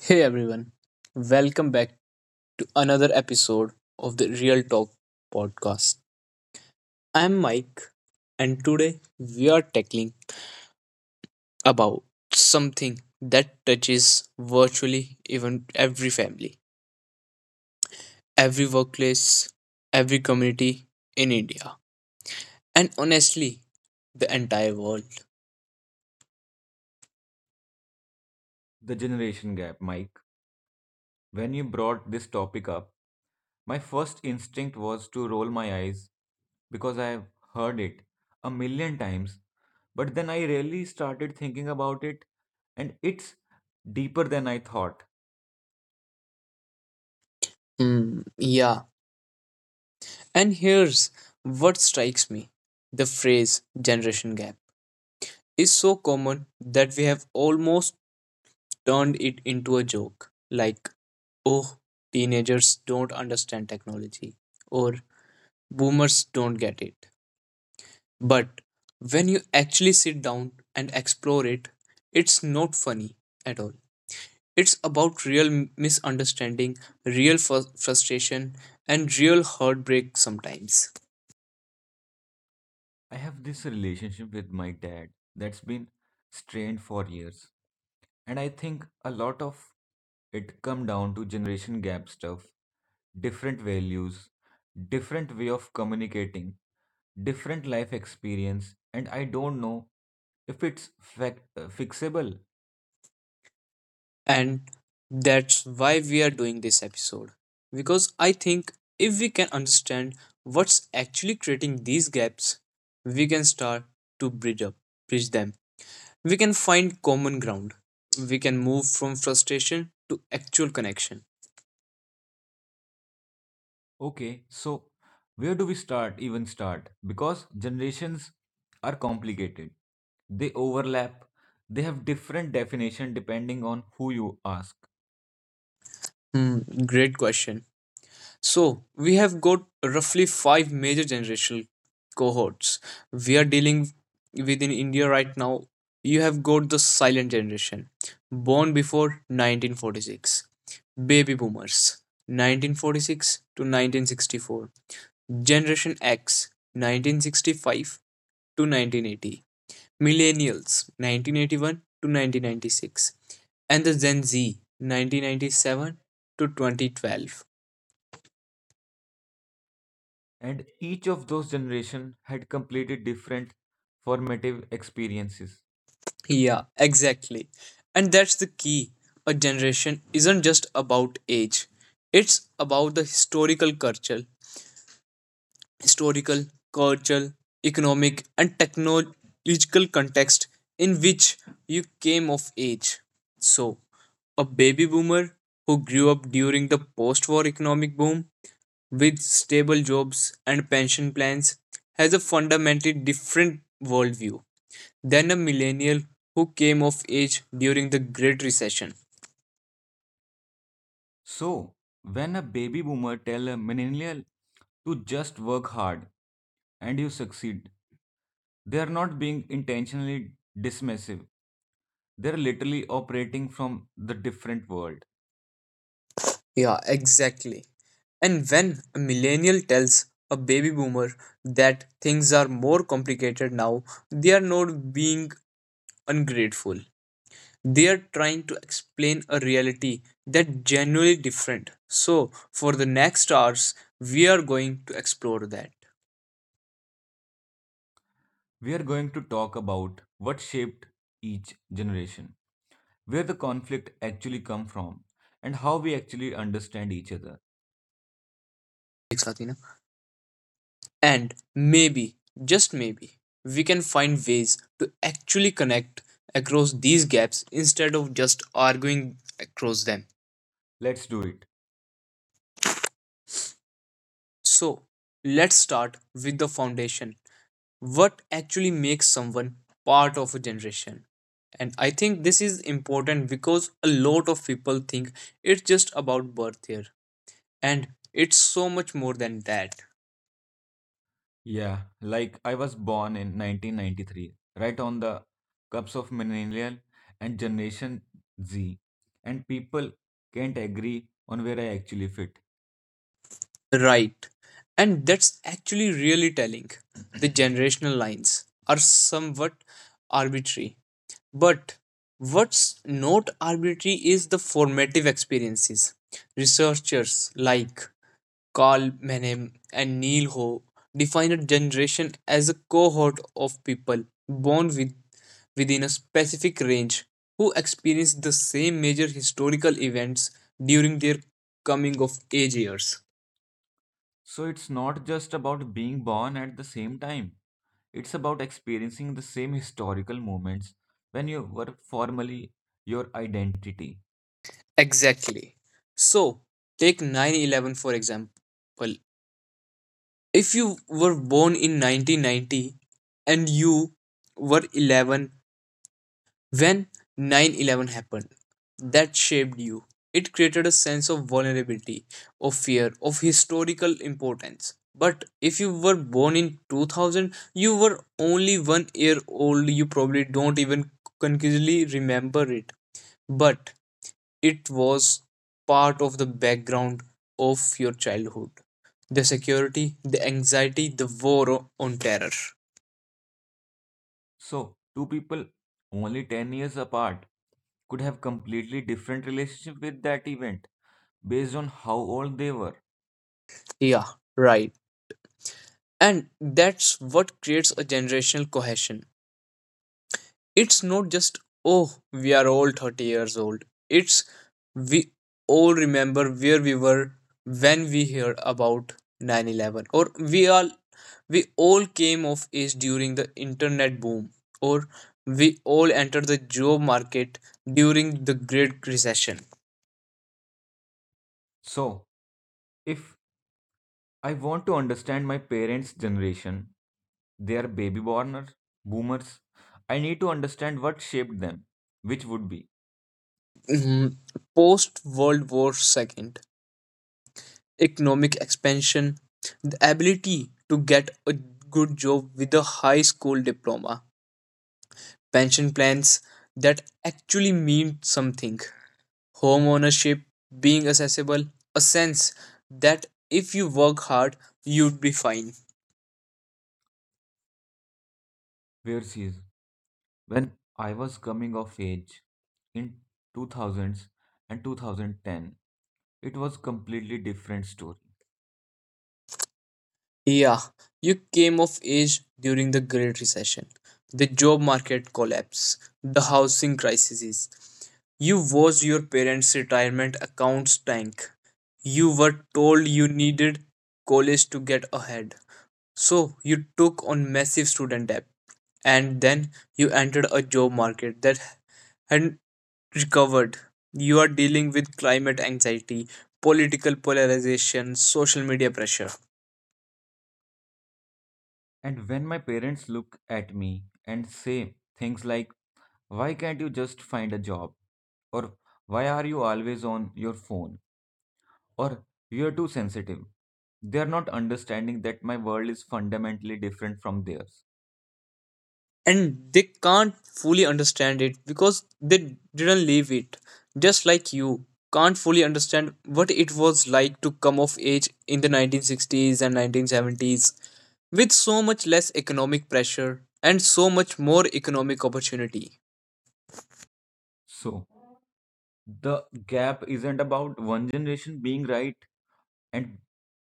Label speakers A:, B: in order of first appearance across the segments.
A: Hey everyone, welcome back to another episode of the Real Talk podcast. I'm Mike, and today we are tackling about something that touches virtually even every family, every workplace, every community in India, and honestly the entire world.
B: The generation gap, Mike. When you brought this topic up, my first instinct was to roll my eyes because I've heard it a million times. But then I really started thinking about it, and it's deeper than I thought.
A: Hmm, yeah. And here's what strikes me. The phrase generation gap is so common that we have almost turned it into a joke, like, oh, teenagers don't understand technology or boomers don't get it. But when you actually sit down and explore it, it's not funny at all. It's about real misunderstanding, real frustration, and real heartbreak sometimes.
B: I have this relationship with my dad that's been strained for years, and I think a lot of it come down to generation gap stuff, different values, different way of communicating, different life experience, and I don't know if it's fixable.
A: And that's why we are doing this episode. Because I think if we can understand what's actually creating these gaps, we can start to bridge up, bridge them. We can find common ground. We can move from frustration to actual connection.
B: Okay, so where do we start, even start? Because generations are complicated. They overlap. They have different definition depending on who you ask.
A: Hmm, great question. So we have got roughly five major generational cohorts we are dealing with in India right now. You have got the silent generation, born before 1946, baby boomers, 1946 to 1964, Generation X, 1965 to 1980, Millennials, 1981 to 1996, and the Gen Z, 1997 to 2012.
B: And each of those generation had completely different formative experiences.
A: Yeah, exactly. And that's the key. A generation isn't just about age, it's about the historical culture, historical, cultural, economic, and technological context in which you came of age. So, a baby boomer who grew up during the post war economic boom with stable jobs and pension plans has a fundamentally different worldview than a millennial who came of age during the Great Recession.
B: So, when a baby boomer tell a millennial to just work hard and you succeed, they are not being intentionally dismissive. They're literally operating from the different world.
A: Yeah, exactly. And when a millennial tells a baby boomer that things are more complicated now, they are not being ungrateful. They are trying to explain a reality that genuinely different. So, for the next hours, we are going to explore that.
B: We are going to talk about what shaped each generation, where the conflict actually come from, and how we actually understand each other.
A: And maybe, just maybe, we can find ways to actually connect across these gaps instead of just arguing across them.
B: Let's do it.
A: So, let's start with the foundation. What actually makes someone part of a generation? And I think this is important because a lot of people think it's just about birth here. And it's so much more than that.
B: Yeah, like I was born in 1993, right on the cups of millennial and generation Z, and people can't agree on where I actually fit.
A: Right. And that's actually really telling. The generational lines are somewhat arbitrary. But what's not arbitrary is the formative experiences. Researchers like Carl Menem and Neil Ho define a generation as a cohort of people born within a specific range who experience the same major historical events during their coming of age years.
B: So it's not just about being born at the same time. It's about experiencing the same historical moments when you were formally your identity.
A: Exactly. So, take 9/11 for example. If you were born in 1990 and you were 11 when 9/11 happened, that shaped you. It created a sense of vulnerability, of fear, of historical importance. But if you were born in 2000, you were only 1 year old. You probably don't even consciously remember it. But it was part of the background of your childhood. The security, the anxiety, the war on terror.
B: So, two people only 10 years apart could have completely different relationship with that event based on how old they were.
A: Yeah, right. And that's what creates a generational cohesion. It's not just, oh, we are all 30 years old, it's we all remember where we were when we heard about 9/11, or we all came of age during the internet boom, or we all entered the job market during the great recession.
B: So, if I want to understand my parents' generation, they are boomers. I need to understand what shaped them, which would be
A: Mhm. Post world war ii economic expansion, the ability to get a good job with a high school diploma, pension plans that actually mean something, home ownership being accessible, a sense that if you work hard, you'd be fine.
B: where she is. When I was coming of age in 2000s and 2010, it was completely different story.
A: Yeah, you came of age during the Great Recession, the job market collapse, the housing crises. You watched your parents' retirement accounts tank. You were told you needed college to get ahead. So you took on massive student debt and then you entered a job market that hadn't recovered. You are dealing with climate anxiety, political polarization, social media pressure.
B: And when my parents look at me and say things like, "Why can't you just find a job?" or "Why are you always on your phone?" or "You're too sensitive." They are not understanding that my world is fundamentally different from theirs.
A: And they can't fully understand it because they didn't live it. Just like you can't fully understand what it was like to come of age in the 1960s and 1970s with so much less economic pressure and so much more economic opportunity.
B: So, the gap isn't about one generation being right and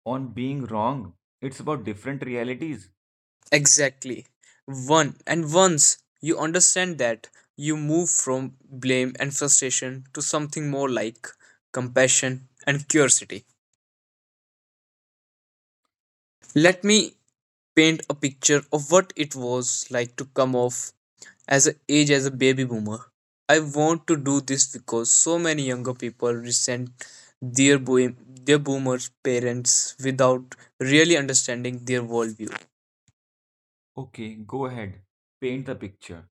B: on being wrong. It's about different realities.
A: Exactly. One and once you understand that, you move from blame and frustration to something more like compassion and curiosity. Let
B: Let
A: me
B: me
A: paint a picture of what it was like to come off as an age as a baby boomer. I want to do this because so many younger people resent their boomers parents without really understanding their worldview.
B: Okay, go ahead. Paint the picture.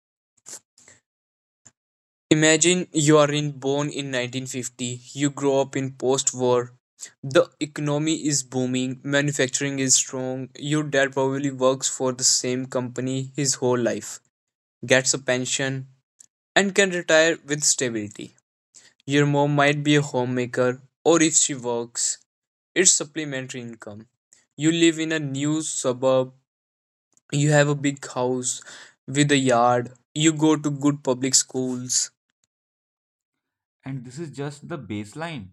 A: Imagine you are in born in 1950, you grow up in post-war. The economy is booming, manufacturing is strong. Your dad probably works for the same company his whole life, gets a pension, and can retire with stability. Your mom might be a homemaker, or if she works, it's supplementary income. You live in a new suburb, you have a big house with a yard, you go to good public schools.
B: And this is just the baseline.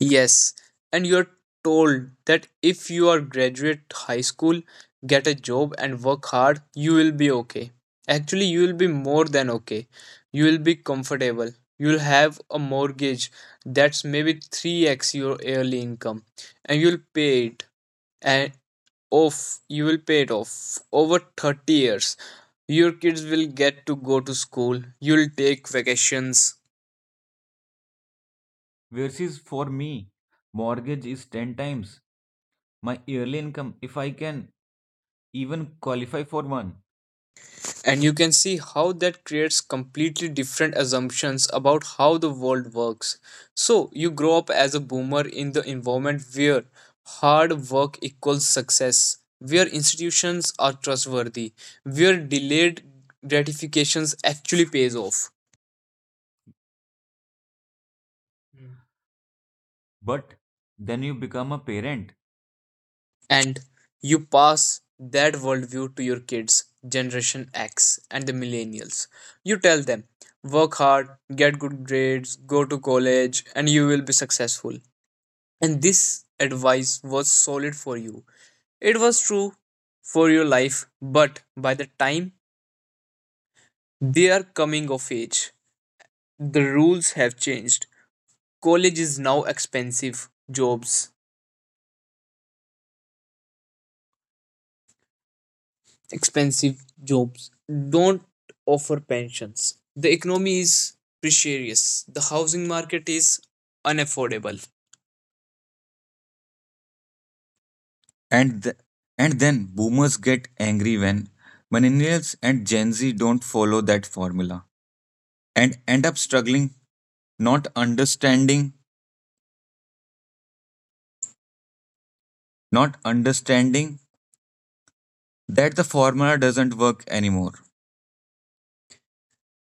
A: Yes, and you're told that if you are graduate high school, get a job and work hard, you will be okay. Actually, you will be more than okay. You will be comfortable. You'll have a mortgage that's maybe 3x your yearly income and and you will pay it off over 30 years. Your kids will get to go to school. You'll take vacations,
B: Versus for me, mortgage is 10 times my yearly income if I can even qualify for one.
A: and you can see how that creates completely different assumptions about how the world works. So, you grow up as a boomer in the environment where hard work equals success, where institutions are trustworthy, where delayed gratifications actually pays off.
B: Hmm. But then you become a parent
A: And you pass that worldview to your kids, Generation X and the millennials. You tell them, work hard, get good grades, go to college, and you will be successful. And this advice was solid for you. It was true for your life, but by the time they are coming of age, the rules have changed. College is now expensive jobs. Expensive jobs don't offer pensions. The economy is precarious. The housing market is unaffordable. and th- and then boomers get angry when millennials and gen z don't follow that formula and end up struggling not understanding, not understanding that the formula doesn't work anymore.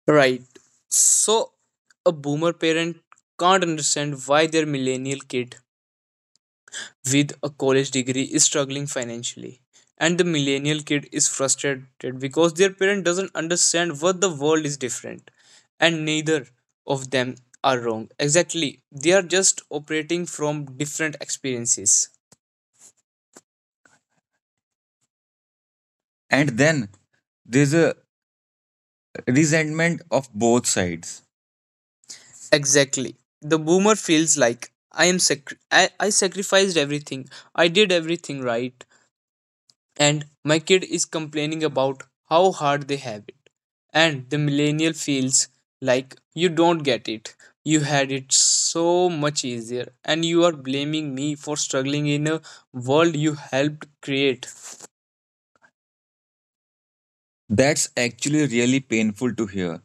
A: Right. So, a boomer parent can't understand why their millennial kid with a college degree is struggling financially. And the millennial kid is frustrated because their parent doesn't understand what the world is different. And neither of them are wrong. Exactly. They are just operating from different experiences. And then there's a resentment of both sides. Exactly. The boomer feels like, I am I sacrificed everything. I did everything right and my kid is complaining about how hard they have it. And the millennial feels like, you don't get it. You had it so much easier and you are blaming me for struggling in a world you helped create. That's actually really painful to hear.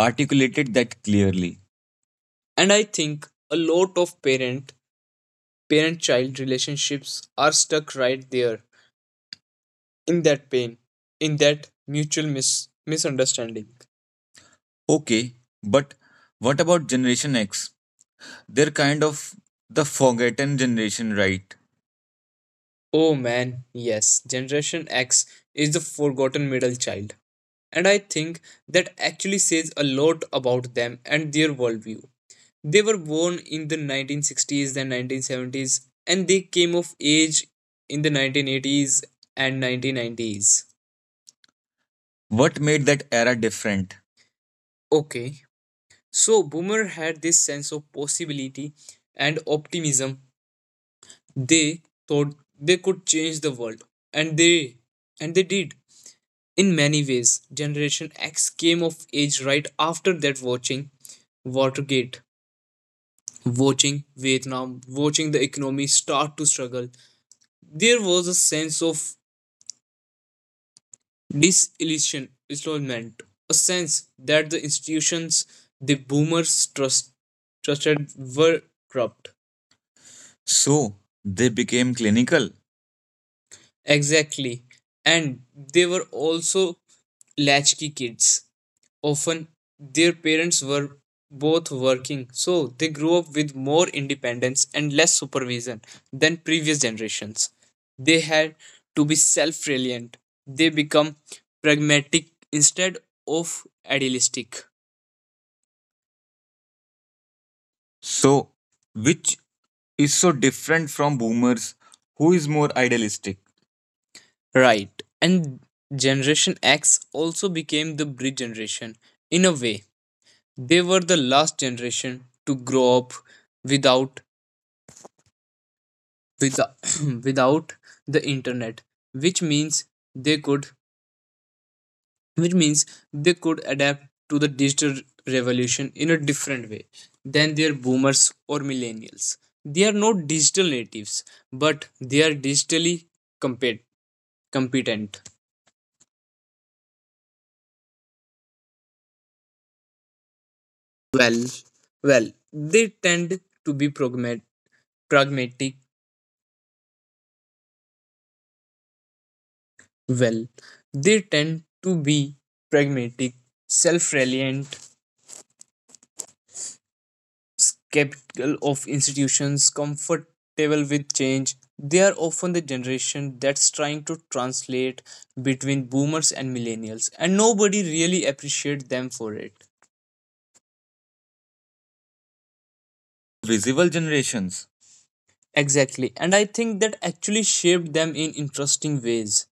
A: Articulated that clearly. And I think a lot of parent child relationships are stuck right there, in that pain, in that mutual misunderstanding. Okay, but what about Generation X? They're kind of the forgotten generation, right? Oh man, yes, Generation X is the forgotten middle child. And I think that actually says a lot about them and their worldview. They were born in the 1960s and 1970s, and they came of age in the 1980s and 1990s. What made that era different? Okay, so Boomer had this sense of possibility and optimism. They thought they could change the world, and they and they did. In many ways, Generation X came of age right after that, watching Watergate, watching Vietnam, watching the economy start to struggle. There was a sense of disillusionment, a sense that the institutions the boomers trusted were corrupt. So they became clinical. Exactly. And they were also latchkey kids. Often their parents were both working, so they grew up with more independence and less supervision than previous generations. They had to be self reliant, they become pragmatic instead of idealistic. So, which is so different from boomers, who is more idealistic? Right. And Generation X also became the bridge generation. In a way, they were the last generation to grow up without without, without the internet, which means they could which means adapt to the digital revolution in a different way than their boomers or millennials. They are not digital natives, but they are digitally compet- competent. Well, well, they tend to be pragma- pragmatic. Well, they tend to be pragmatic, self reliant, capital of institutions, comfortable with change. They are often the generation that's trying to translate between boomers and millennials, and nobody really appreciates them for it. Visible generations. Exactly, and I think that actually shaped them in interesting ways.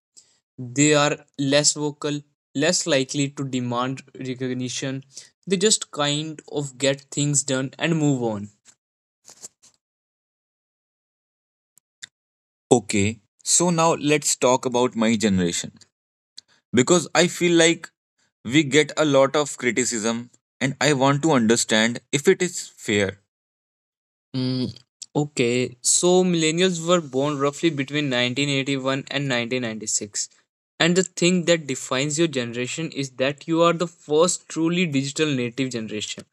A: They are less vocal, less likely to demand recognition, they just kind of get things done and move on. Okay, so now let's talk about my generation because I feel like we get a lot of criticism and I want to understand if it is fair. Mm, okay, so millennials were born roughly between 1981 and 1996. And the thing that defines your generation is that you are the first truly digital native generation.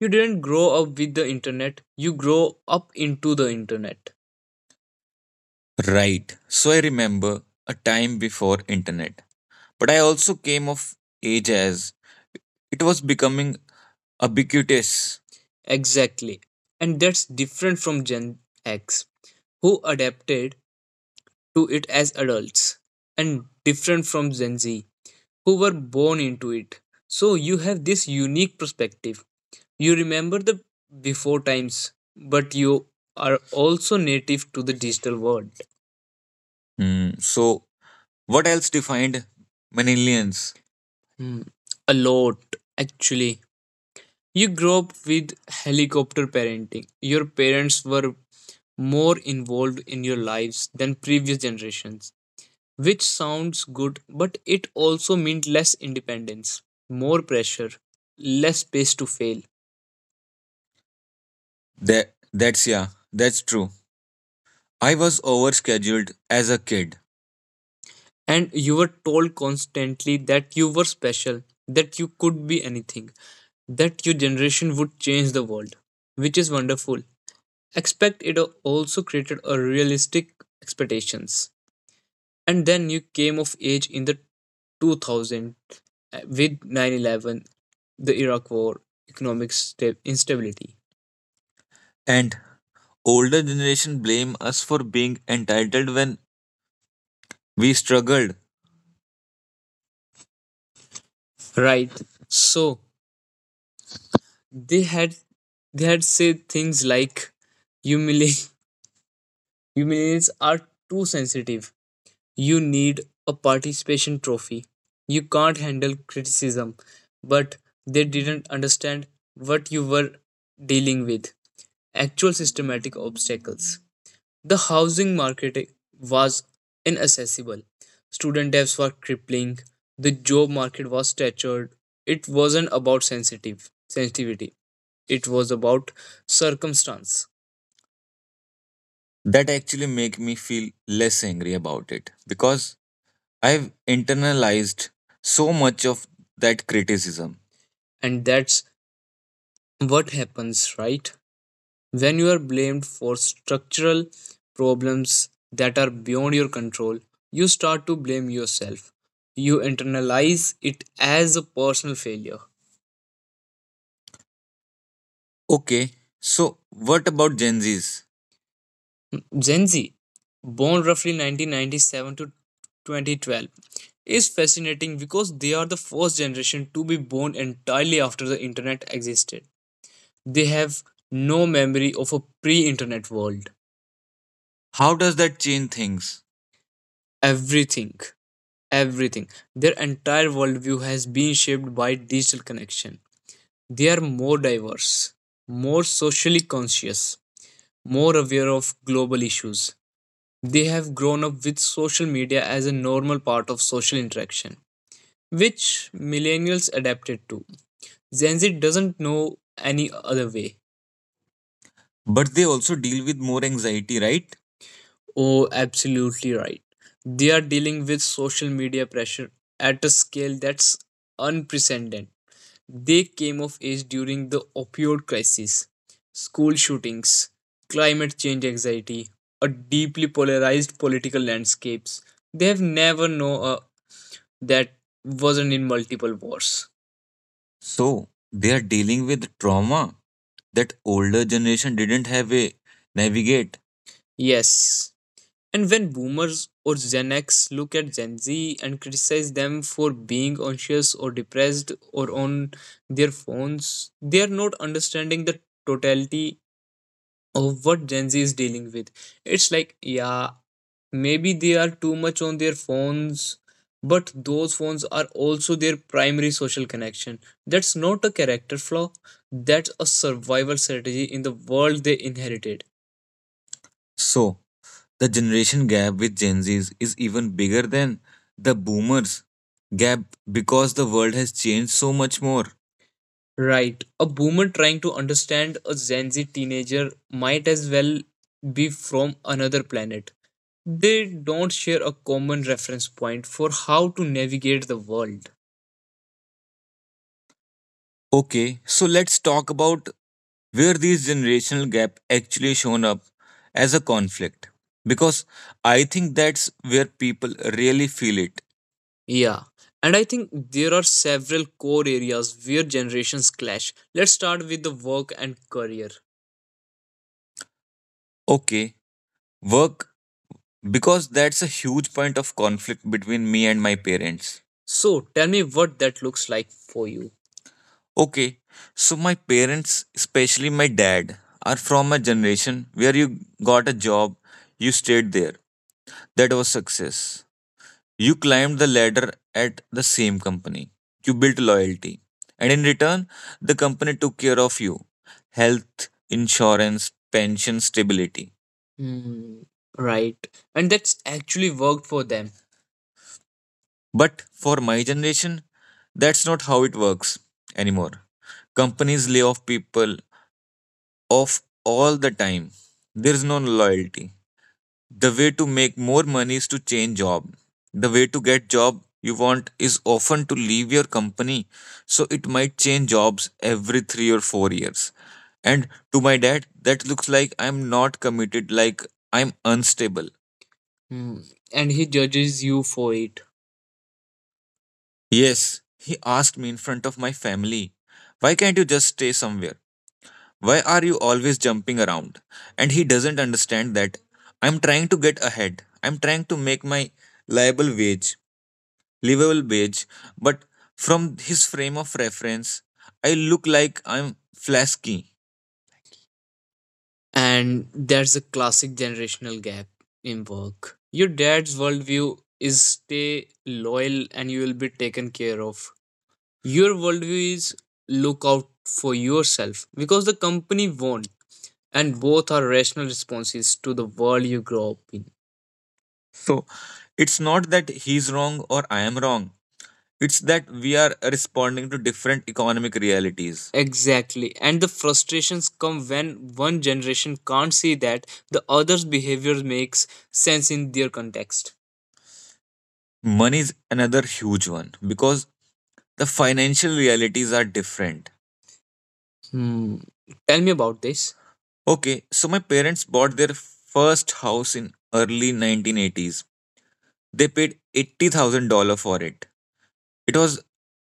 A: You didn't grow up with the internet, you grow up into the internet. Right. So I remember a time before internet. But I also came of age as it was becoming ubiquitous. Exactly. And that's different from Gen X, who adapted to it as adults, and different from Gen Z, who were born into it. So you have this unique perspective. You remember the before times, but you are also native to the digital world. So, what else defined millennials? Hmm, A lot, actually. You grow up with helicopter parenting. Your parents were more involved in your lives than previous generations, which sounds good, but it also meant less independence, more pressure, less space to fail. That's yeah, that's true. I was overscheduled as a kid. And you were told constantly that you were special, that you could be anything, that your generation would change the world, which is wonderful. Expect it also created a realistic expectations, and then you came of age in the 2000 with 9/11, the Iraq war, economic instability. And older generation blame us for being entitled when we struggled. Right. So they had they had said things like humili- humiliates are too sensitive. You need a participation trophy. You can't handle criticism, but they didn't understand what you were dealing with: actual systematic obstacles. The housing market was inaccessible. Student debts were crippling. The job market was saturated. It wasn't about sensitive sensitivity. It was about circumstance. That actually make me feel less angry about it because I've internalized so much of that criticism. And that's what happens, right? When you are blamed for structural problems that are beyond your control, you start to blame yourself. You internalize it as a personal failure. Okay, so what about Gen Zs? Gen Z, born roughly 1997 to 2012, is fascinating because they are the first generation to be born entirely after the internet existed. They have no memory of a pre internet world. How does that change things? Everything, everything. Their entire worldview has been shaped by digital connection. They are more diverse, more socially conscious, more aware of global issues. They have grown up with social media as a normal part of social interaction, which millennials adapted to. Gen Z doesn't know any other way. But they also deal with more anxiety, right? Oh, absolutely right. They are dealing with social media pressure at a scale that's unprecedented. They came of age during the opioid crisis, school shootings, climate change anxiety, a deeply polarized political landscapes. They have never known that wasn't in multiple wars. So they are dealing with trauma that older generation didn't have a navigate. Yes, and when boomers or Gen X look at Gen Z and criticize them for being anxious or depressed or on their phones, they are not understanding the totality of what Gen Z is dealing with. It's like, yeah, maybe they are too much on their phones, but those phones are also their primary social connection. That's not a character flaw, that's a survival strategy in the world they inherited. So, the generation gap with Gen Zs is even bigger than the boomers gap because the world has changed so much more. Right. A boomer trying to understand a Gen Z teenager might as well be from another planet. They don't share a common reference point for how to navigate the world. Okay, so let's talk about where these generational gap actually shown up as a conflict because I think that's where people really feel it. Yeah, and I think there are several core areas where generations clash. Let's start with the work and career. Okay, work, because that's a huge point of conflict between me and my parents. So, tell me what that looks like for you. Okay, so my parents, especially my dad, are from a generation where you got a job, you stayed there. That was success. You climbed the ladder at the same company. You built loyalty. And in return, the company took care of you: health, insurance, pension, stability. Hmm, right. And that's actually worked for them. But for my generation, that's not how it works anymore. Companies lay off people, off all the time. There is no loyalty. The way to make more money is to change job. The way to get job you want is often to leave your company. So it might change jobs every 3 or 4 years. And to my dad, that looks like I'm not committed, like I'm unstable. Hmm. And he judges you for it. Yes, he asked me in front of my family, why can't you just stay somewhere? Why are you always jumping around? And he doesn't understand that I'm trying to get ahead. I'm trying to make my liable wage, livable wage. But from his frame of reference, I look like I'm flasky. And there's a classic generational gap in work. Your dad's worldview is stay loyal and you will be taken care of. Your worldview is look out for yourself because the company won't. And both are rational responses to the world you grow up in. So it's not that he's wrong or I am wrong. It's that we are responding to different economic realities. Exactly. And the frustrations come when one generation can't see that the other's behavior makes sense in their context. Money is another huge one because the financial realities are different. Hmm. Tell me about this. Okay, so my parents bought their first house in early 1980s. They paid $80,000 for it. It was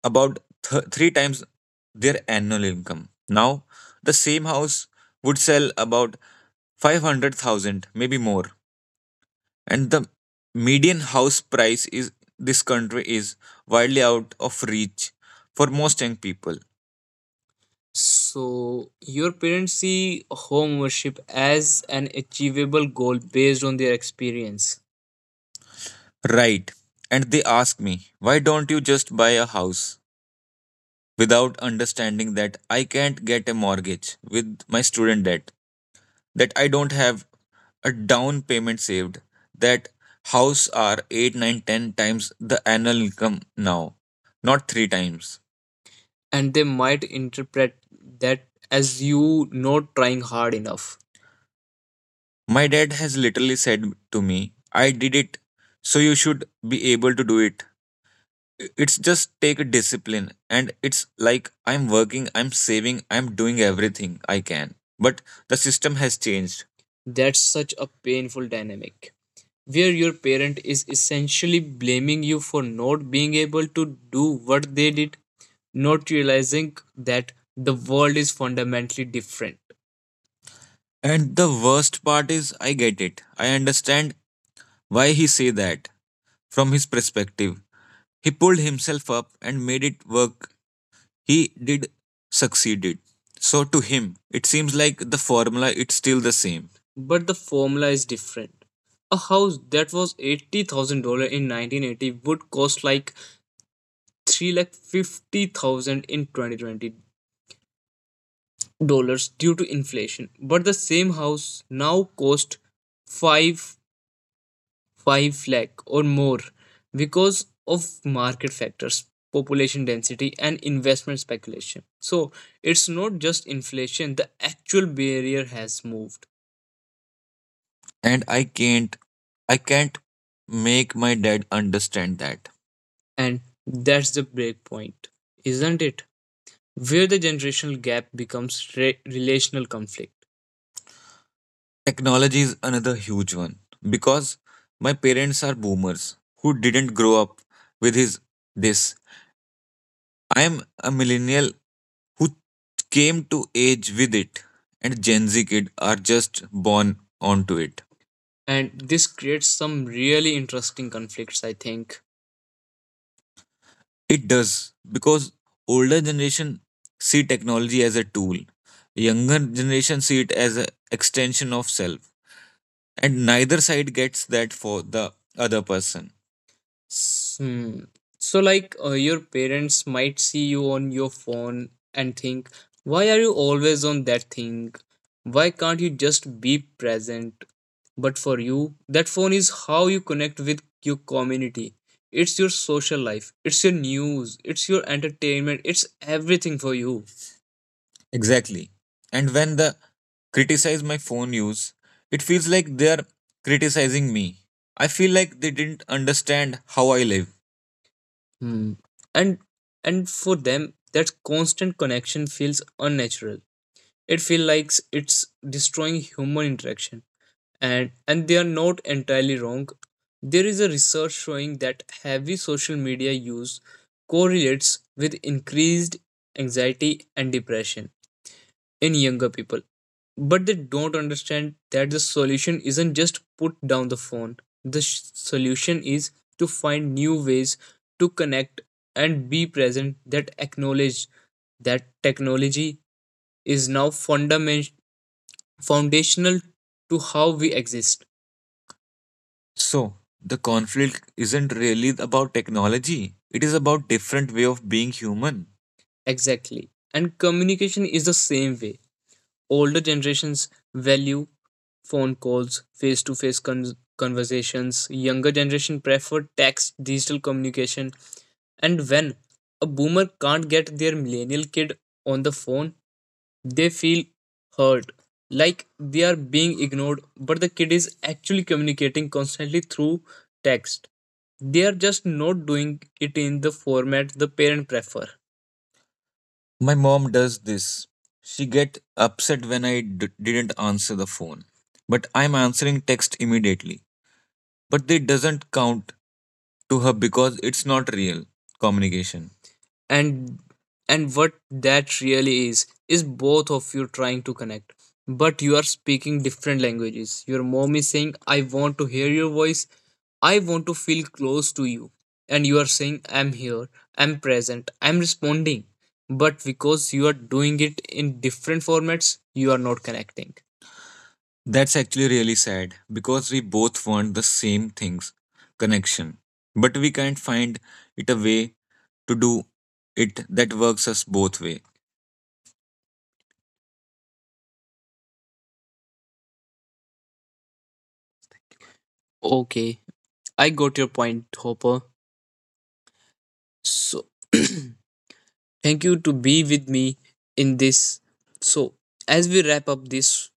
A: about three times their annual income. Now, the same house would sell about 500,000, maybe more. And the median house price is this country is wildly out of reach for most young people. So, your parents see home ownership as an achievable goal based on their experience. Right. And they ask me, why don't you just buy a house? Without understanding that I can't get a mortgage with my student debt, that I don't have a down payment saved, that house are 8, 9, 10 times the annual income now, not 3 times. And they might interpret that as you not trying hard enough. My dad has literally said to me, I did it, so you should be able to do it. It's just take discipline, and it's like I'm working, I'm saving, I'm doing everything I can. But the system has changed. That's such a painful dynamic where your parent is essentially blaming you for not being able to do what they did, not realizing that the world is fundamentally different. And the worst part is, I get it. I understand why he say that from his perspective. He pulled himself up and made it work. He did succeeded. So to him, it seems like the formula it's still the same. But the formula is different. A house that was $80,000 in 1980 would cost like 350,000 in 2020 dollars due to inflation. But the same house now cost 5 5 lakh or more because of market factors, population density, and investment speculation. So it's not just inflation, the actual barrier has moved, and I can't make my dad understand that. And that's the break point, isn't it, where the generational gap becomes relational conflict. Technology is another huge one because my parents are boomers who didn't grow up with his this. I am a millennial who came to age with it, and Gen Z kid are just born onto it. And this creates some really interesting conflicts, I think. It does, because older generation see technology as a tool, younger generation see it as an extension of self. And neither side gets that for the other person. S- Hmm. So, like, your parents might see you on your phone and think, why are you always on that thing? Why can't you just be present? But for you, that phone is how you connect with your community. It's your social life, it's your news, it's your entertainment, it's everything for you. Exactly. And when the criticize my phone use, it feels like they're criticizing me. I feel like they didn't understand how I live. Hmm. And and for them, that constant connection feels unnatural. It feels like it's destroying human interaction. And they are not entirely wrong. There is a research showing that heavy social media use correlates with increased anxiety and depression in younger people. But they don't understand that the solution isn't just put down the phone. The solution is to find new ways to connect and be present that acknowledge that technology is now foundational to how we exist. So, the conflict isn't really about technology. It is about different way of being human. Exactly. And communication is the same way. Older generations value phone calls, face to face conversations, younger generation prefer text, digital communication. And when a boomer can't get their millennial kid on the phone, they feel hurt, like they are being ignored, but the kid is actually communicating constantly through text. They are just not doing it in the format the parent prefer. My mom does this. She get upset when I didn't answer the phone, but I'm answering text immediately. But it doesn't count to her because it's not real communication. And and what that really is both of you trying to connect, but you are speaking different languages. Your mom is saying, I want to hear your voice, I want to feel close to you, and you are saying, I'm here, I'm present, I'm responding, but because you are doing it in different formats, you are not connecting. That's actually really sad because we both want the same things: connection, but we can't find it a way to do it that works us both way. Okay, I got your point, Hopper. So, thank you to be with me in this. So, as we wrap up this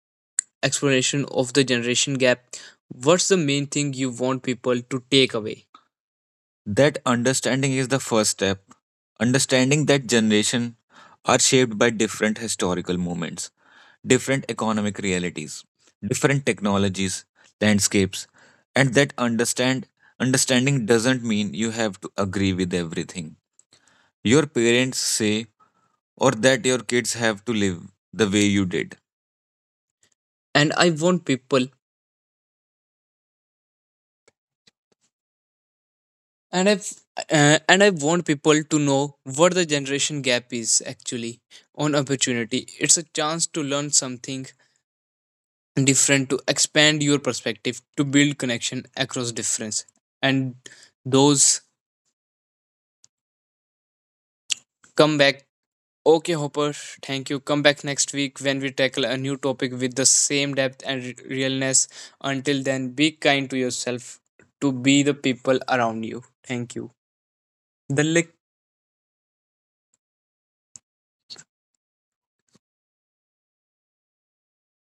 A: explanation of the generation gap, what's the main thing you want people to take away? That understanding is the first step. Understanding that generation are shaped by different historical moments, different economic realities, different technologies, landscapes, and that understanding doesn't mean you have to agree with everything your parents say or that your kids have to live the way you did. And I want people and i've and I want people to know what the generation gap is actually on opportunity. It's a chance to learn something different, to expand your perspective, to build connection across difference. And those come back. Okay, Hopper, thank you. Come back next week when we tackle a new topic with the same depth and realness. Until then, be kind to yourself, to be the people around you. Thank you. The lick.